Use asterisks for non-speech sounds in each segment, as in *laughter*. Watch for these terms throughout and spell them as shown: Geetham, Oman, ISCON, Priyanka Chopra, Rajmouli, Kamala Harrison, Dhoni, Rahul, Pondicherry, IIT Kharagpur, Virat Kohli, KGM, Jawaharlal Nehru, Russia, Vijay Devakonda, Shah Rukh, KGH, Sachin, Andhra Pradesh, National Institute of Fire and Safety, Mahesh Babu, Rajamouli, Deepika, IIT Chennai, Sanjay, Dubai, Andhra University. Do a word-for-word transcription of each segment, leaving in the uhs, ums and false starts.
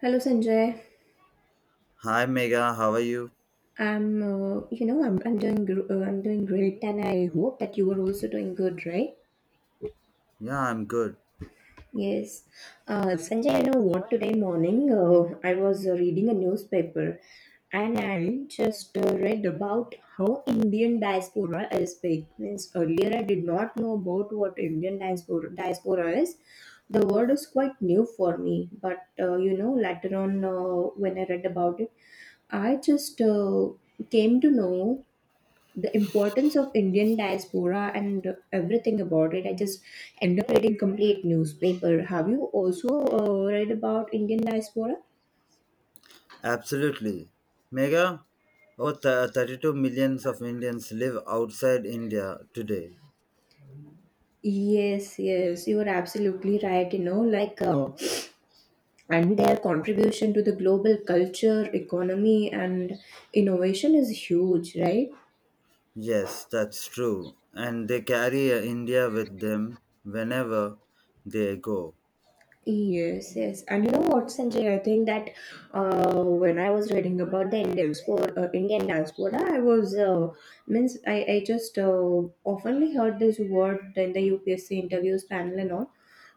Hello, Sanjay. Hi Mega, how are you? I'm, uh, you know, I'm, I'm doing, gr- uh, I'm doing great, and I hope that you are also doing good, right? Yeah, I'm good. Yes. Uh, Sanjay, you know what? Today morning, uh, I was uh, reading a newspaper and I just uh, read about how Indian diaspora is big. Means earlier I did not know about what Indian diaspora, diaspora is. The word is quite new for me, but uh, you know, later on uh, when I read about it, I just uh, came to know the importance of Indian diaspora and everything about it. I just end up reading complete newspaper. Have you also uh, read about Indian diaspora? Absolutely. Mega, oh, th- thirty-two millions of Indians live outside India today. Yes, yes, you are absolutely right. You know, like, uh, and their contribution to the global culture, economy, and innovation is huge, right? Yes, that's true. And they carry uh, India with them whenever they go. Yes, yes. And you know what, Sanjay? I think that uh, when I was reading about the Indian diaspora, uh, Indian diaspora, I was uh, means I I just uh, oftenly heard this word in the U P S C interviews panel and all,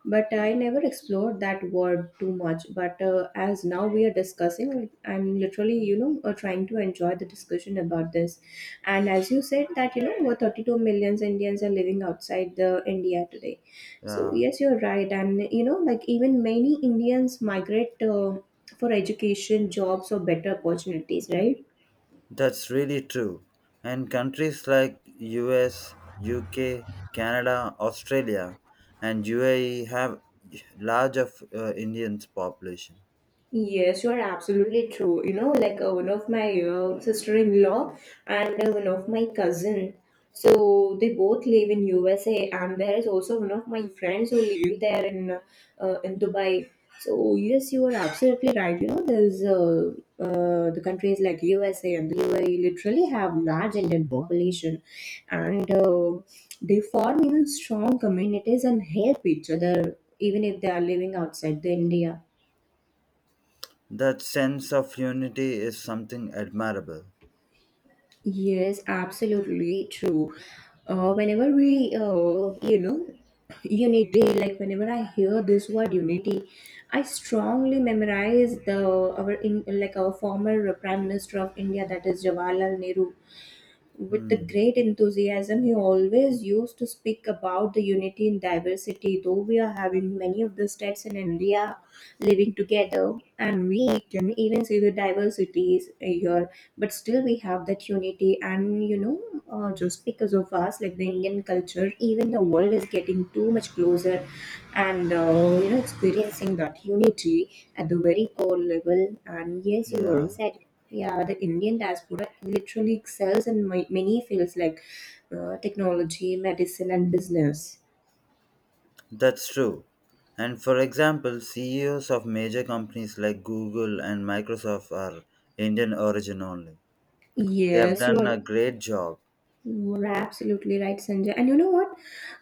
but I never explored that word too much. But uh, as now we are discussing, I'm literally you know uh, trying to enjoy the discussion about this, and as you said that you know over thirty-two millions Indians are living outside the India today. So Yeah, yes, you're right, and you know, like even many Indians migrate uh, for education, jobs, or better opportunities, right? that's really true. And countries like U S, U K, Canada, Australia, and U A E have large of uh, Indians population. Yes, you are absolutely true. You know, like uh, one of my uh, sister-in-law and uh, one of my cousin. So they both live in U S A, and there is also one of my friends who live there in uh, uh, in Dubai. So yes, you are absolutely right. You know, there's uh, uh, the countries like U S A and the U A E literally have large Indian population, and uh, they form even strong communities and help each other even if they are living outside the India. That sense of unity is something admirable. Yes, absolutely true. Uh, whenever we, uh, you know, unity, like Whenever I hear this word unity, I strongly memorize the our in like our former Prime Minister of India, that is Jawaharlal Nehru. With the Hmm. great enthusiasm, he always used to speak about the unity in diversity. Though we are having many of the states in India living together, and we can even see the diversities here, but still we have that unity. And you know, uh, just because of us, like the Indian culture, even the world is getting too much closer, and uh, you know, experiencing that unity at the very core level. And yes, you were Yeah, said. Yeah, the Indian diaspora literally excels in ma- many fields like uh, technology, medicine, and business. that's true. And for example, C E Os of major companies like Google and Microsoft are Indian origin only. They have Yes, you done are a great job. you are absolutely right, Sanjay. And you know what?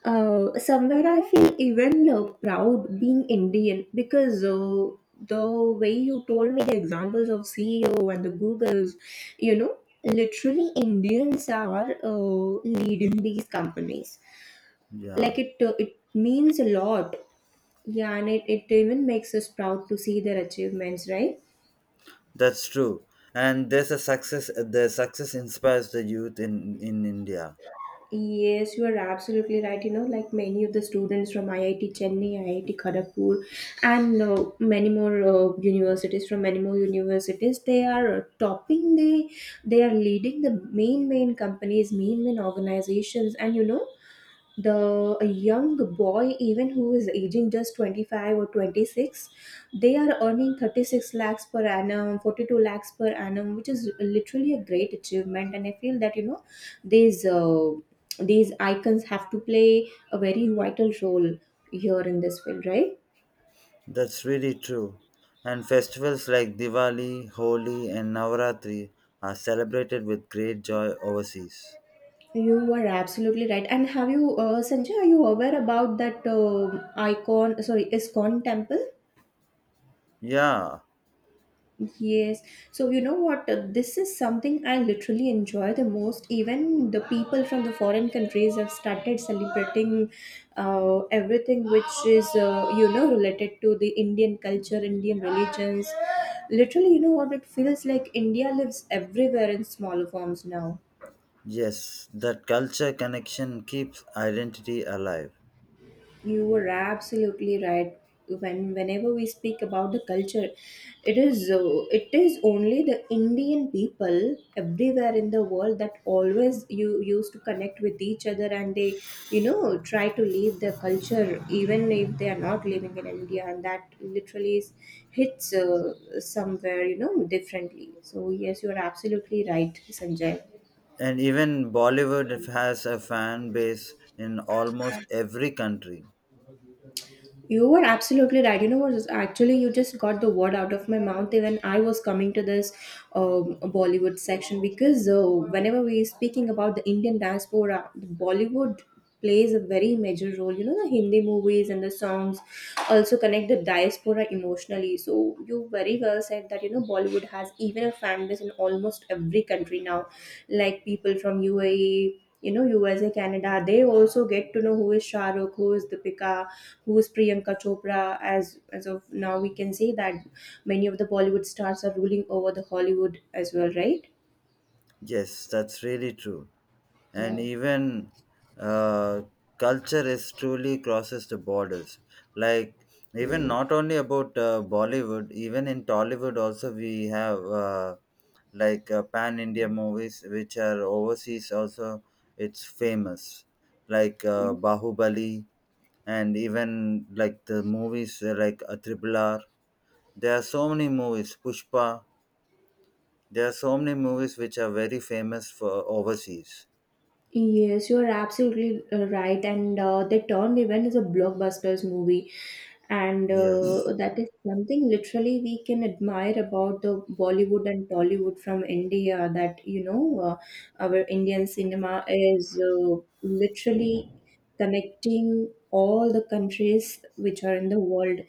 Uh, somewhere I feel even uh, proud being Indian because uh, the way you told me the examples of C E O and the Googles, you know, literally Indians are uh, leading these companies. Yeah, Like it, uh, it means a lot. Yeah, and it, it even makes us proud to see their achievements, right? that's true. And there's a success. Their success inspires the youth in in India. Yes, you are absolutely right. You know, like many of the students from I I T Chennai, I I T Kharagpur, and uh, many more uh, universities from many more universities, they are uh, topping the, they are leading the main main companies, main main organizations, and you know, the a young boy even who is aging just twenty-five or twenty-six, they are earning thirty-six lakhs per annum, forty-two lakhs per annum, which is literally a great achievement. And I feel that you know these uh, these icons have to play a very vital role here in this field, right? That's really true. And festivals like Diwali, Holi, and Navaratri are celebrated with great joy overseas. You are absolutely right. And have you, uh, Sanjay, are you aware about that uh, icon sorry iscon temple? Yeah, Yes. So you know what? uh, This is something I literally enjoy the most. Even the people from the foreign countries have started celebrating uh, everything which is, uh, you know, related to the Indian culture, Indian religions. Literally, you know what? It feels like India lives everywhere in smaller forms now. yes, that culture connection keeps identity alive. You were absolutely right. When whenever we speak about the culture, it is uh, it is only the Indian people everywhere in the world that always you used to connect with each other, and they you know try to leave their culture even if they are not living in India, and that literally is, hits uh, somewhere you know differently. So yes, you are absolutely right, Sanjay. And even Bollywood has a fan base in almost every country. You were absolutely right. You know what? is- Actually, you just got the word out of my mouth when I was coming to this um, Bollywood section because uh, whenever we are speaking about the Indian diaspora, the Bollywood plays a very major role. You know, the Hindi movies and the songs also connect the diaspora emotionally. So you very well said that you know Bollywood has even a fan base in almost every country now, like people from U A E, you know, U S A, Canada, they also get to know who is Shah Rukh, who is Deepika, who is Priyanka Chopra. As as of now, we can say that many of the Bollywood stars are ruling over the Hollywood as well, right? Yes, that's really true. And Yeah. even uh, culture is truly crosses the borders. Like even not only about uh, Bollywood, even in Tollywood also we have uh, like uh, pan India movies which are overseas also. It's famous, like uh, Bahubali, and even like the movies uh, like a Triple R. There are so many movies, Pushpa. There are so many movies which are very famous for overseas. Yes, you are absolutely uh, right. And uh, the turned event is a blockbusters movie, and Yes, uh, that is something literally we can admire about the Bollywood and Tollywood from India. That you know, uh, our Indian cinema is uh, literally connecting all the countries which are in the world,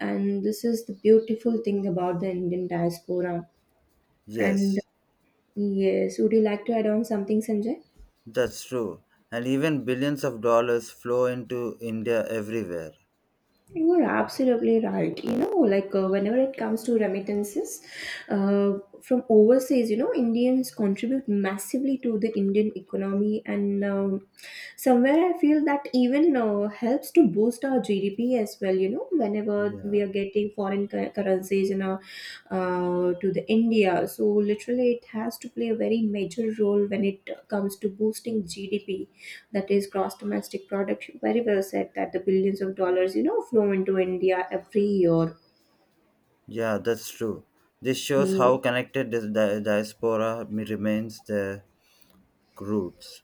and this is the beautiful thing about the Indian diaspora. And yes, yes, would you like to add on something, Sanjay? that's true. And even billions of dollars flow into India everywhere. You are absolutely right. You know, like uh, whenever it comes to remittances uh, from overseas, you know, Indians contribute massively to the Indian economy, and um, somewhere I feel that even uh, helps to boost our G D P as well. You know, whenever we Yeah, are getting foreign cur- currencies in our uh, to the India. So literally, it has to play a very major role when it comes to boosting G D P, that is gross domestic product. You very well said that the billions of dollars, you know, flow into India every year. yeah, that's true. This shows how connected this di- diaspora m- remains their roots.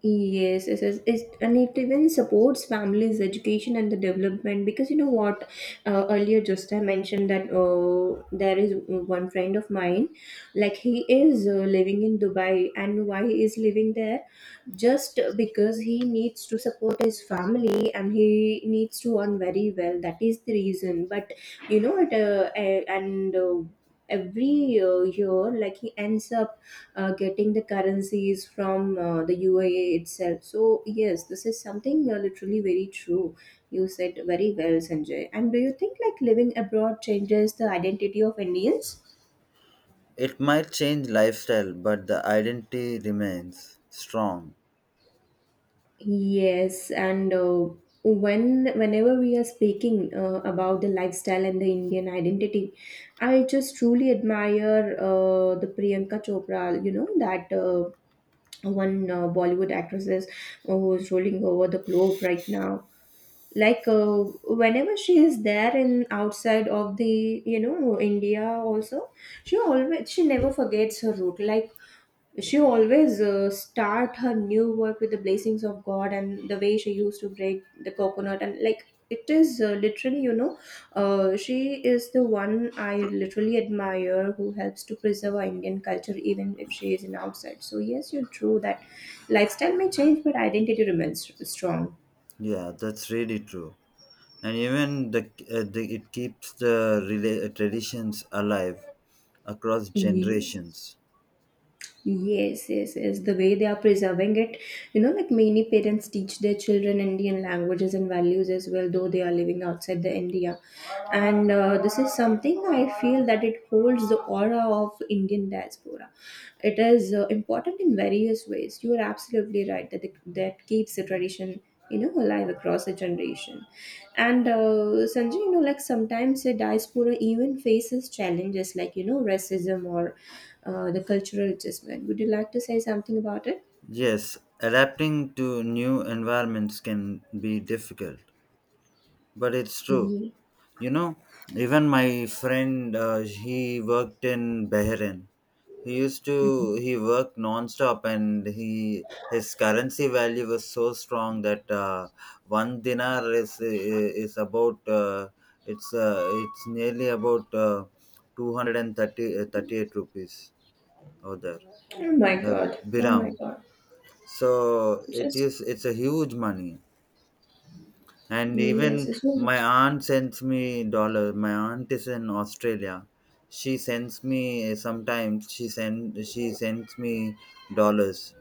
Yes, yes, yes. It, and it even supports families' education and the development because you know what? Uh, earlier, just I mentioned that uh, there is one friend of mine, like he is uh, living in Dubai, and why he is living there? Just because he needs to support his family and he needs to earn very well. That is the reason. But you know, it uh, a- and uh, every uh, year, like he ends up uh, getting the currencies from uh, the U A E itself. So yes, this is something uh, literally very true. You said very well, Sanjay. And do you think like living abroad changes the identity of Indians? It might change lifestyle, but the identity remains strong. Yes, and uh, when whenever we are speaking uh, about the lifestyle and the Indian identity, I just truly admire uh, the Priyanka Chopra. You know that uh, one uh, Bollywood actresses uh, who is rolling over the globe right now. like uh, Whenever she is there in outside of the, you know, India also, she always she never forgets her root. Like she always uh, start her new work with the blessings of god, and the way she used to break the coconut. And like it is, uh, literally, you know, uh, she is the one I literally admire who helps to preserve our Indian culture even if she is in outside. So yes, you're true that lifestyle may change but identity remains strong. Yeah, that's really true. And even the, uh, the it keeps the rela- traditions alive across Yes. generations. Yes, yes, yes. The way they are preserving it, you know, like many parents teach their children Indian languages and values as well, though they are living outside the India. And uh, this is something I feel that it holds the aura of Indian diaspora. It is uh, important in various ways. You are absolutely right that the, that keeps the tradition you know alive across a generation. And uh, Sanjay, you know, like sometimes a diaspora even faces challenges like you know racism or uh, the cultural adjustment. Would you like to say something about it? Yes, adapting to new environments can be difficult, but it's true. Yeah. You know, even my friend, uh, he worked in Bahrain. He used to Mhm. he worked non-stop, and he his currency value was so strong that uh, one dinar is is about, uh, it's uh, it's nearly about, uh, two hundred thirty, uh, thirty-eight rupees over there, Oh my the god, oh biram. my god. So it Just is it's a huge money. And yes, even it's so my much. aunt sends me dollar. My aunt is in Australia. She sends me sometimes. She send she sends me dollars.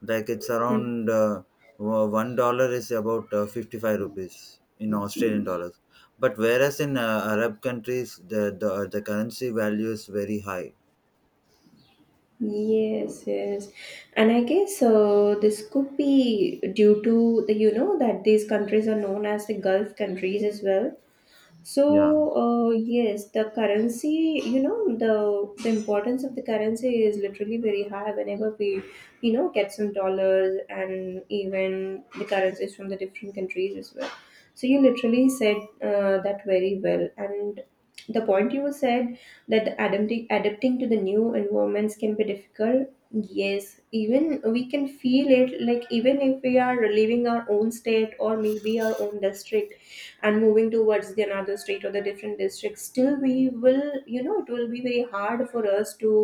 Like it's Mm. around, uh, wo- one dollar is about uh, fifty five rupees in Australian dollars. But whereas in uh, Arab countries, the, the the currency value is very high. Yes, yes, and I guess uh, this could be due to the, you know, that these countries are known as the Gulf countries as well. Yeah, So, uh, yes, the currency, you know, the the importance of the currency is literally very high whenever we, you know, get some dollars and even the currencies from the different countries as well. So you literally said uh, that very well. And the point you said that adapting adapting to the new environments can be difficult. Yes, even we can feel it, like even if we are leaving our own state or maybe our own district and moving towards the another state or the different district, still we will, you know, it will be very hard for us to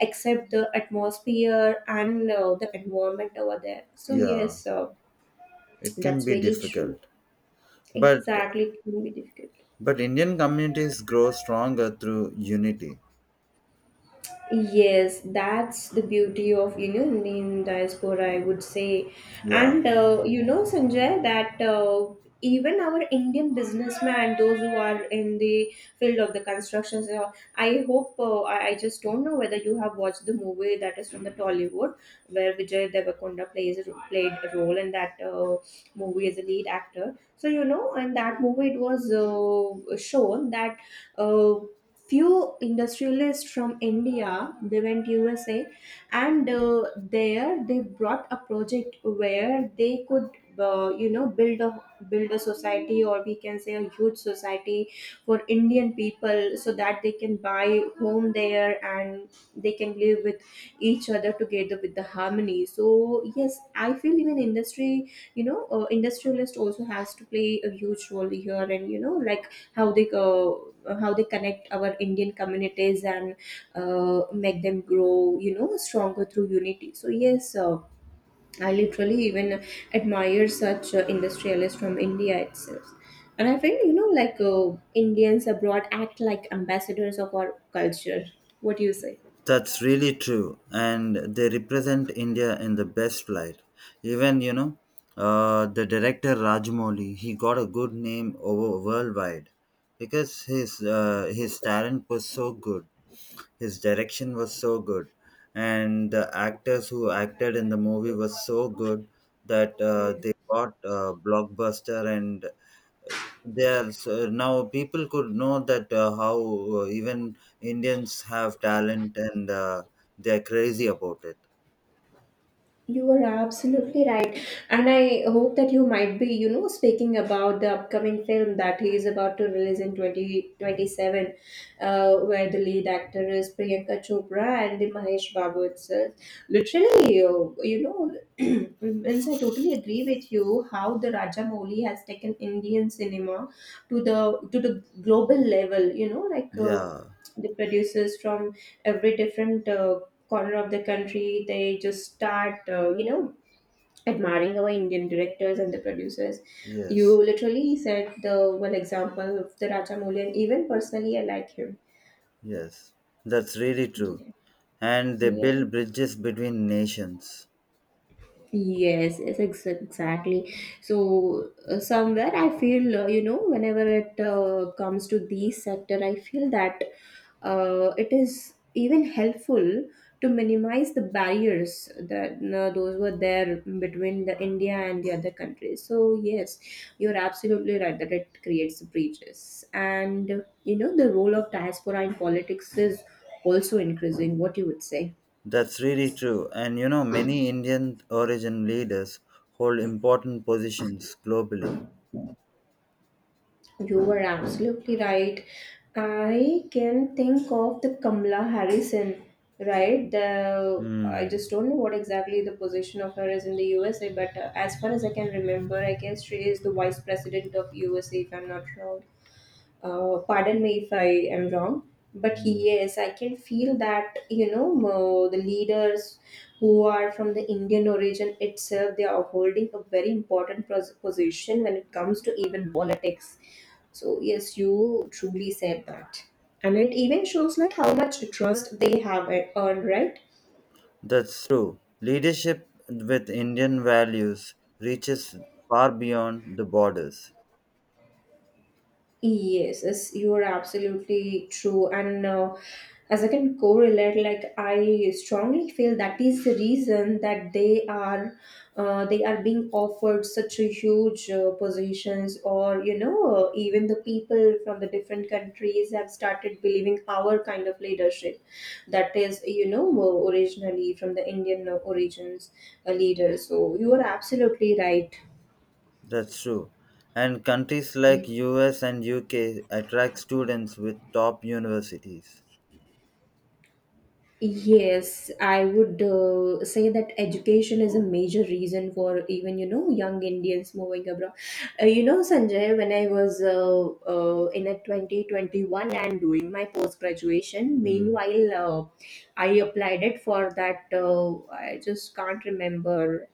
accept the atmosphere and uh, the environment over there. So yeah, yes, uh, it can that's be very true, difficult. But exactly, it can be difficult. but Indian communities grow stronger through unity. Yes, that's the beauty of, you know, Indian diaspora, I would say, Yeah. and uh, you know, Sanjay, that uh, even our Indian businessmen, those who are in the field of the constructions, uh, I hope uh, I, I just don't know whether you have watched the movie that is from the Tollywood, where Vijay Devakonda plays a ro- played a role in that uh, movie as a lead actor. So you know, in that movie, it was uh, shown that uh, few industrialists from India, they went U S A, and uh, there they brought a project where they could, uh, you know, build a build a society, or we can say a huge society for Indian people, so that they can buy home there and they can live with each other together with the harmony. So yes, I feel even industry, you know, uh, industrialist also has to play a huge role here, and you know, like how they uh, how they connect our Indian communities and uh, make them grow, you know, stronger through unity. So yes, uh, I literally even admire such uh, industrialists from India itself. And I feel, you know, like uh, Indians abroad act like ambassadors of our culture. What do you say? That's really true, and they represent India in the best light. Even you know, uh, the director Rajmouli, he got a good name over worldwide because his uh, his talent was so good, his direction was so good, and the actors who acted in the movie was so good that uh, they got uh, blockbuster. And there's uh, now people could know that uh, how uh, even Indians have talent, and uh, they're crazy about it. You are absolutely right. And I hope that you might be, you know, speaking about the upcoming film that he is about to release in twenty twenty-seven, uh, where the lead actor is Priyanka Chopra and the Mahesh Babu itself. Literally, you, you know, *clears throat* means I totally agree with you how the Rajamouli has taken Indian cinema to the to the global level, you know, like uh, Yeah, the producers from every different uh, corner of the country, they just start uh, you know, admiring our Indian directors and the producers. You yes, literally said the one example of the Rajamouli, and even personally I like him. yes. That's really true. Yeah, And they yeah. build bridges between nations. Yes, yes, ex- exactly. So uh, somewhere I feel, uh, you know, whenever it uh, comes to these sector, I feel that uh, it is even helpful to minimize the barriers that uh, those were there between the India and the other countries. So yes, you're absolutely right that it creates breaches, and you know, the role of diaspora in politics is also increasing. What you would say? That's really true. And you know, many Indian origin leaders hold important positions globally. You were absolutely right. I can think of the Kamala Harrison, right? The I Hmm. just don't know what exactly the position of her is in the U S A, but uh, as far as I can remember, I guess she is the vice president of U S A, if I'm not wrong. Uh, pardon me if I am wrong, but yes, I can feel that, you know, mo- the leaders who are from the Indian origin itself, they are holding a very important pos- position when it comes to even politics. So yes, you truly said that, and it even shows like how much trust they have e-, earned, right? That's true. Leadership with Indian values reaches far beyond the borders. Yes, yes, you are absolutely true. And uh, as I can correlate, like I strongly feel that is the reason that they are, uh, they are being offered such a huge uh, positions, or you know, even the people from the different countries have started believing our kind of leadership, that is, you know, originally from the Indian uh, origins uh, leader. So you are absolutely right. That's true. And countries like U S and U K attract students with top universities. Yes, I would uh, say that education is a major reason for even, you know, young Indians moving abroad. Uh, you know, Sanjay, when I was uh, uh, in a twenty twenty-one and doing my post graduation, Mm. meanwhile, uh, I applied it for that. Uh, I just can't remember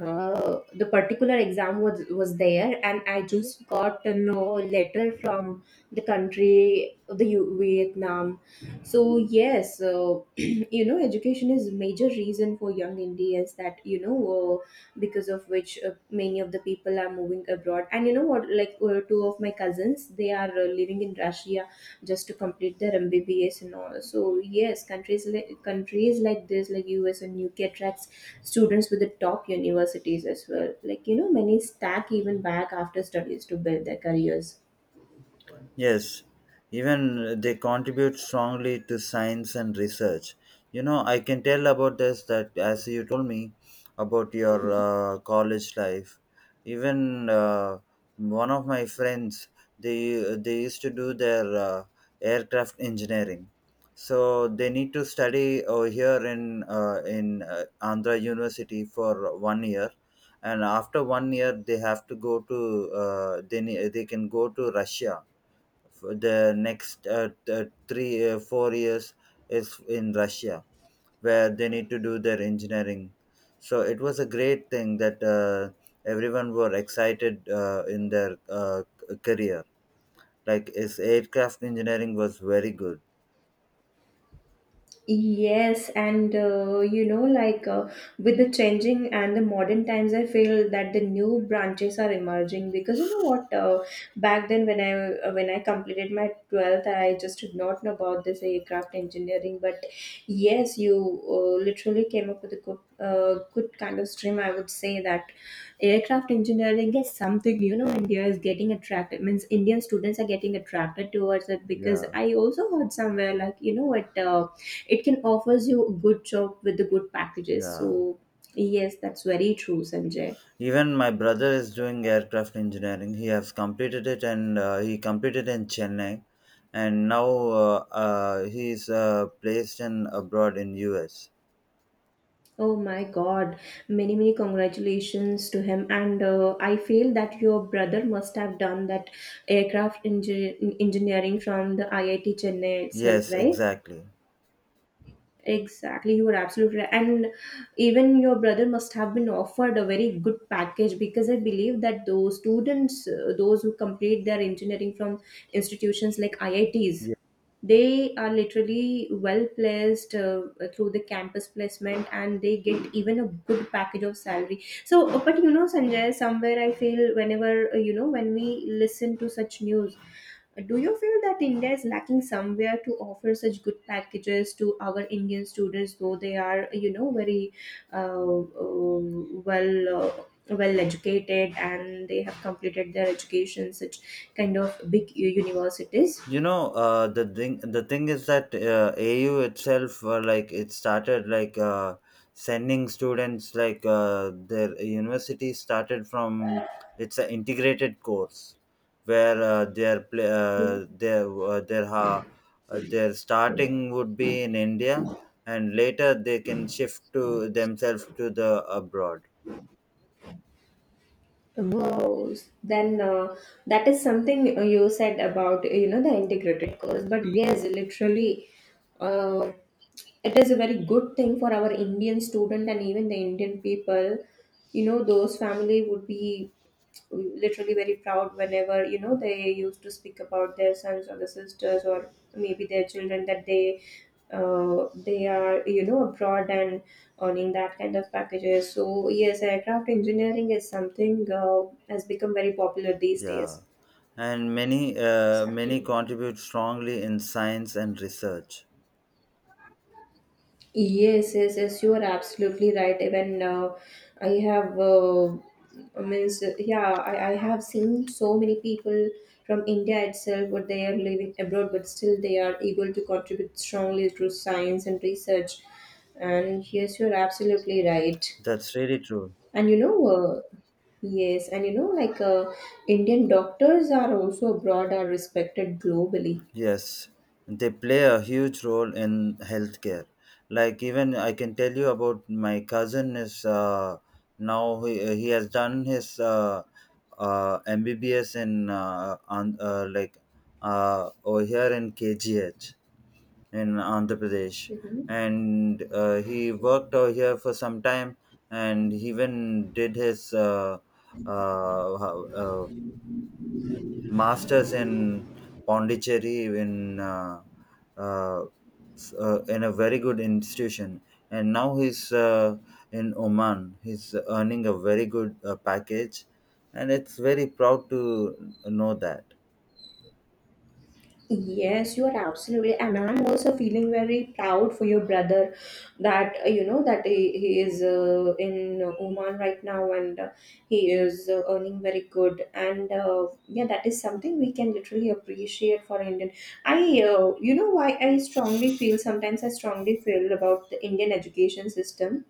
uh, the particular exam was was there, and I just got to know letter from the country, the U- vietnam. So yes, uh, *clears throat* you know, education is major reason for young Indians, that you know, uh, because of which uh, many of the people are moving abroad, and you know what, like uh, two of my cousins, they are uh, living in Russia just to complete their MBBS and all. So yes, countries like countries like this, like U S and U K, attracts students with the top universities as well, like you know, many stack even back after studies to build their careers. Yes, even they contribute strongly to science and research. You know, I can tell about this that as you told me about your uh, college life, even uh, one of my friends, they they used to do their uh, aircraft engineering. So they need to study over here in uh, in uh, Andhra University for one year, and after one year they have to go to, uh, they ne- they can go to Russia for the next uh, th- three uh, four years is in Russia, where they need to do their engineering. So it was a great thing that uh, everyone were excited uh, in their uh, c- career, like his aircraft engineering was very good. Yes, and uh, you know, like uh, with the changing and the modern times, I feel that the new branches are emerging, because you know what? Uh, back then, when I uh, when I completed my twelfth, I just did not know about this aircraft engineering. But yes, you uh, literally came up with a good uh, good kind of stream. I would say that aircraft engineering is something, you know, India is getting attracted. Means Indian students are getting attracted towards it, because Yeah, I also heard somewhere like you know what. Uh, it can offers you a good job with the good packages. yeah, So yes, that's very true, Sanjay. even my brother is doing aircraft engineering. He has completed it, and uh, he completed in Chennai. And now uh, uh, he is uh, placed in abroad, in US. Oh my god, many many congratulations to him, and uh, I feel that your brother must have done that aircraft engi- engineering from the I I T Chennai itself, Yes, right? exactly. Exactly, you are absolutely right, and even your brother must have been offered a very good package, because I believe that those students, uh, those who complete their engineering from institutions like I I Ts, Yeah. they are literally well placed uh, through the campus placement, and they get even a good package of salary. So uh, but you know, Sanjay, somewhere I feel, whenever uh, you know, when we listen to such news, uh, do you feel that India is lacking somewhere to offer such good packages to our Indian students, though they are, you know, very uh, uh, well uh, well educated, and they have completed their education such kind of big u- universities. You know, uh, the thing the thing is that uh, A U itself, uh, like it started like uh, sending students, like uh, their university started from it's an integrated course where uh, their pla- uh, their uh, their ha uh, their starting would be in India, and later they can shift to themselves to the abroad. Wow. Then uh, that is something you said about, you know, the integrated course. But yes, literally, uh, it is a very good thing for our Indian student and even the Indian people, you know, those family would be literally very proud whenever, you know, they used to speak about their sons or the sisters or maybe their children, that they uh, they are, you know, abroad and earning that kind of packages. So yes, aircraft engineering is something uh, has become very popular these Yeah, days. and many uh, many Exactly. contribute strongly in science and research. Yes, yes, yes, you are absolutely right. Even uh, I have, uh, I means, uh, yeah, I, I have seen so many people from India itself, but they are living abroad, but still they are able to contribute strongly through science and research. And yes, you're absolutely right. That's really true. And you know, uh, yes, and you know, like uh, Indian doctors are also abroad, are respected globally. Yes, they play a huge role in healthcare. Like even I can tell you about my cousin is, uh, now he, he has done his uh, uh, M B B S in, uh, on, uh, like uh, over here in K G H, in Andhra Pradesh. And uh, he worked over here for some time. And he even did his uh, uh, uh, uh, masters in Pondicherry, in uh, uh, s- uh, in a very good institution. And now he's uh, in Oman. He's earning a very good uh, package, and it's very proud to know that. Yes, you are absolutely, and I'm also feeling very proud for your brother, that uh, you know, that he, he is uh, in Oman right now, and uh, he is uh, earning very good. And uh, yeah, that is something we can literally appreciate for Indian. I, uh, you know, why I strongly feel sometimes I strongly feel about the Indian education system,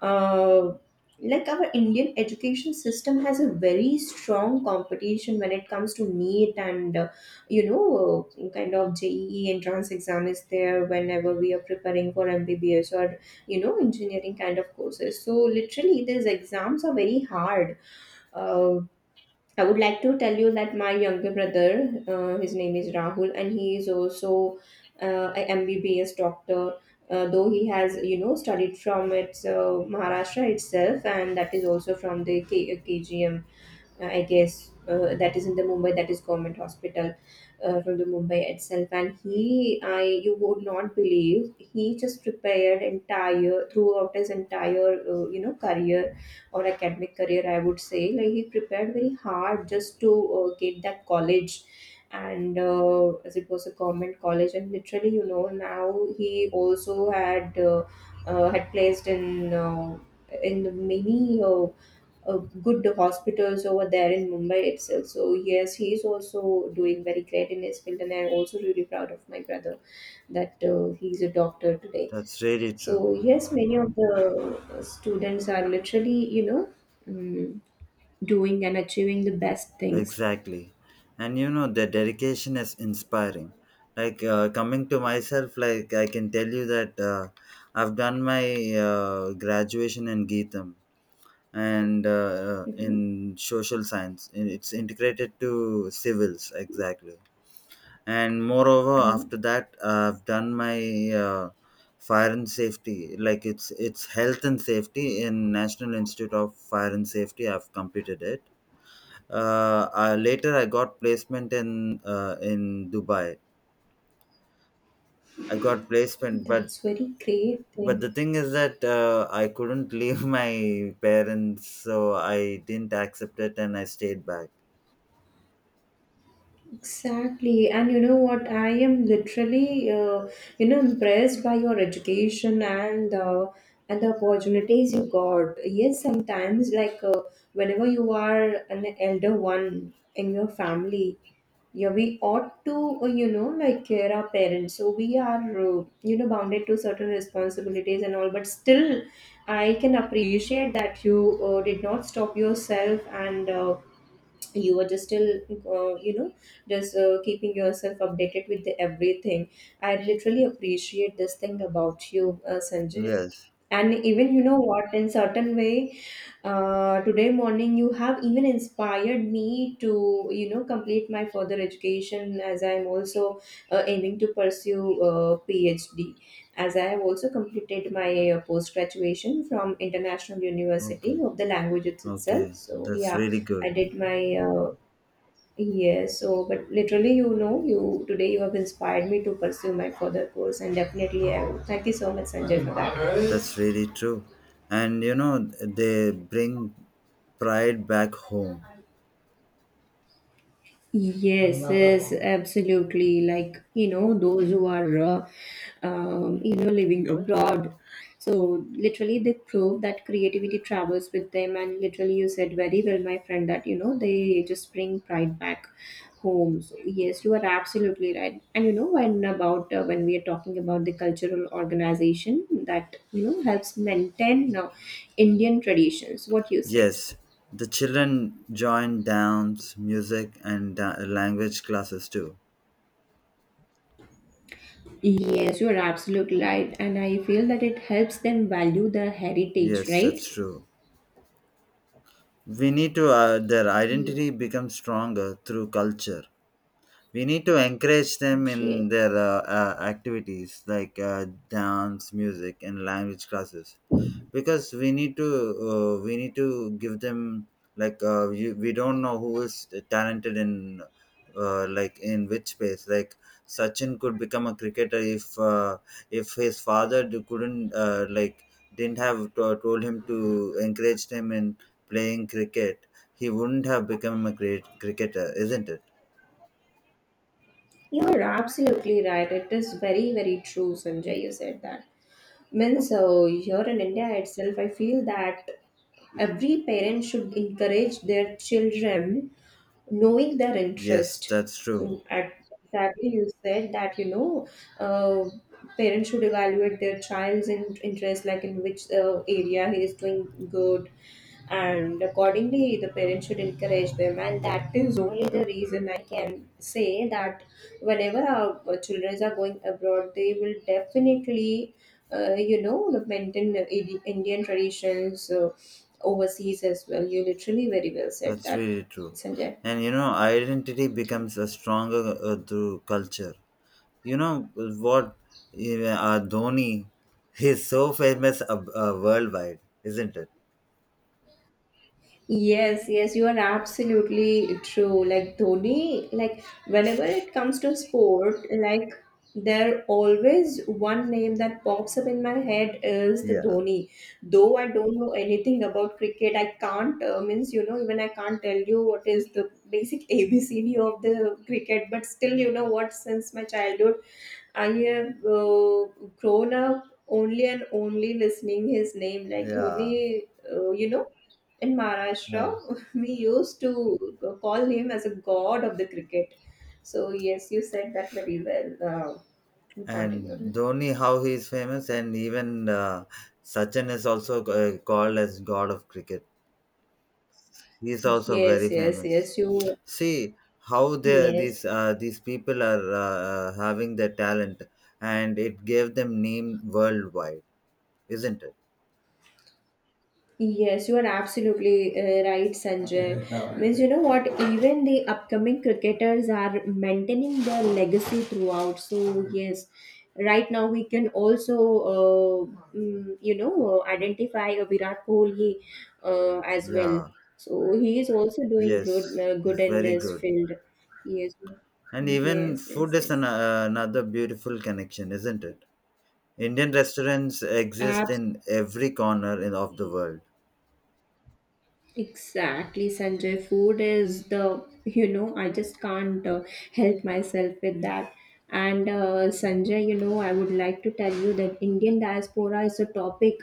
uh, like our Indian education system has a very strong competition when it comes to NEET and uh, you know, uh, kind of J E E entrance exam is there whenever we are preparing for M B B S or, you know, engineering kind of courses. So literally these exams are very hard. Uh, I would like to tell you that my younger brother, uh, his name is Rahul, and he is also uh, a M B B S doctor. Uh, though he has, you know, studied from its uh, Maharashtra itself, and that is also from the K- KGM, uh, I guess uh, that is in the Mumbai, that is government hospital uh, from the Mumbai itself. And he, I, you would not believe, he just prepared entire throughout his entire uh, you know, career, or academic career, I would say, like he prepared very hard just to uh, get that college. And uh, as it was a government college, and literally, you know, now he also had uh, uh, had placed in uh, in many uh, uh, good hospitals over there in Mumbai itself. So yes, he is also doing very great in his field, and I'm also really proud of my brother, that uh, he's a doctor today. That's really true. So yes, many of the students are literally, you know, um, doing and achieving the best things. Exactly. And you know, the dedication is inspiring. Like uh, coming to myself, like I can tell you that, uh, I've done my uh, graduation in Geetham, and uh, uh, Hmm. in social science. And it's integrated to civils, exactly. And moreover, Hmm. after that, I've done my uh, fire and safety. Like it's it's health and safety in National Institute of Fire and Safety. I've completed it. Uh, uh, later I got placement in uh, in Dubai. I got placement, but That's very great but thing. the thing is that, uh, I couldn't leave *laughs* my parents, so I didn't accept it, and I stayed back. Exactly. And you know what? I am literally, uh, you know, impressed by your education and uh, and the opportunities you got. Yes, sometimes like uh, whenever you are an elder one in your family, yeah, we ought to, uh, you know, like care our parents. So we are, uh, you know, bounded to certain responsibilities and all. But still, I can appreciate that you uh, did not stop yourself and. Uh, you were just still uh, you know just uh, keeping yourself updated with the everything. I literally appreciate this thing about you, uh, Sanjay. Yes. And even you know what, in certain way, uh, today morning you have even inspired me to, you know, complete my further education, as I am also uh, aiming to pursue uh, PhD, as I have also completed my uh, post graduation from International Okay. University of the Languages itself. Okay. So That's yeah. really I good. did my uh, yes, so but literally, you know, you today you have inspired me to pursue my further course, and definitely, I will. Thank you so much, Sanjay, for that. That's really true. And you know, they bring pride back home. Yes, yes, absolutely. Like, you know, those who are, uh, um, you know, living abroad. So, literally, they prove that creativity travels with them. And literally, you said very well, my friend, that, you know, they just bring pride back home. So, yes, you are absolutely right. And, you know, when about, uh, when we are talking about the cultural organization that, you know, helps maintain uh, Indian traditions, what you say? Yes. The children join dance, music, and da- language classes too. Yes, you are absolutely right. And I feel that it helps them value their heritage, Yes, that's right? true. We need to uh, their Ye- identity becomes stronger through culture. We need to encourage them in Yes. their uh, uh, activities, like uh, dance, music, and language classes, because we need to uh, we need to give them, like, uh, we, we don't know who is talented in, uh, like in which space, like Sachin could become a cricketer if uh, if his father d- couldn't, uh, like, didn't have to, told him to encourage him in playing cricket, he wouldn't have become a great cricketer, isn't it? You are absolutely right. It is very, very true, Sanjay. You said that. Means, uh, here in India itself, I feel that every parent should encourage their children, knowing their Yes, interest. that's true. Mm, at exactly, you said that, you know, uh, parents should evaluate their child's in- interest, like in which uh, area he is doing good, and accordingly the parents should encourage them. And that is only the reason I can say that whenever our uh, children are going abroad, they will definitely, uh, you know, the maintain the Indi- indian traditions uh, overseas as well. You literally very well said That's that, really true. Sanjay. And you know identity becomes a stronger, uh, through culture. You know what? Yeah. Uh, Dhoni, he's so famous, uh, uh, worldwide, isn't it? Yes, yes, you are absolutely true. Like Dhoni, like whenever it comes to sport, like, there always one name that pops up in my head is the Yeah, Dhoni. Though I don't know anything about cricket, I can't, uh, means, you know, even I can't tell you what is the basic *laughs* A B C D of the cricket. But still, you know what? Since my childhood, I have uh, grown up only and only listening his name like yeah. Dhoni. Uh, you know, in Uh, Maharashtra, *laughs* we used to call him as a god of the cricket. So yes, you said that very well. Uh, we and continue. Dhoni, how he is famous, and even uh, Sachin is also uh, called as God of Cricket. He is also very Yes, yes, famous. yes. You See how they, yes. these uh, these people are uh, uh, having their talent, and it gave them name worldwide, isn't it? Yes, you are absolutely uh, right, Sanjay. *laughs* Means, you know what? Even the upcoming cricketers are maintaining their legacy throughout. So yes, right now we can also uh, mm, you know, uh, identify a Virat Kohli uh, as well. Yeah. So he is also doing good, Yes, uh, good it's in very this good. field. Yes, And even food yes, is, an, yes, uh, another beautiful connection, isn't it? Indian restaurants exist yes. in every corner, in, of the world. Exactly, Sanjay. Food is the, you know, I just can't, uh, help myself with that. And uh, Sanjay, you know, I would like to tell you that Indian diaspora is a topic,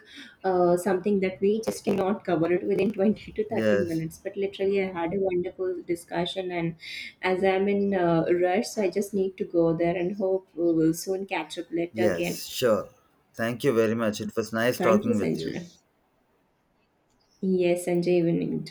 uh, something that we just cannot cover it within *laughs* twenty to thirty Yes, minutes. But literally, I had a wonderful discussion. And as I'm in uh, rush, so I just need to go there and hope we will soon catch up later again. yes, sure. Thank you very much. It was nice Thank you, talking with you. Sanjay. Yes, Sanjay, even you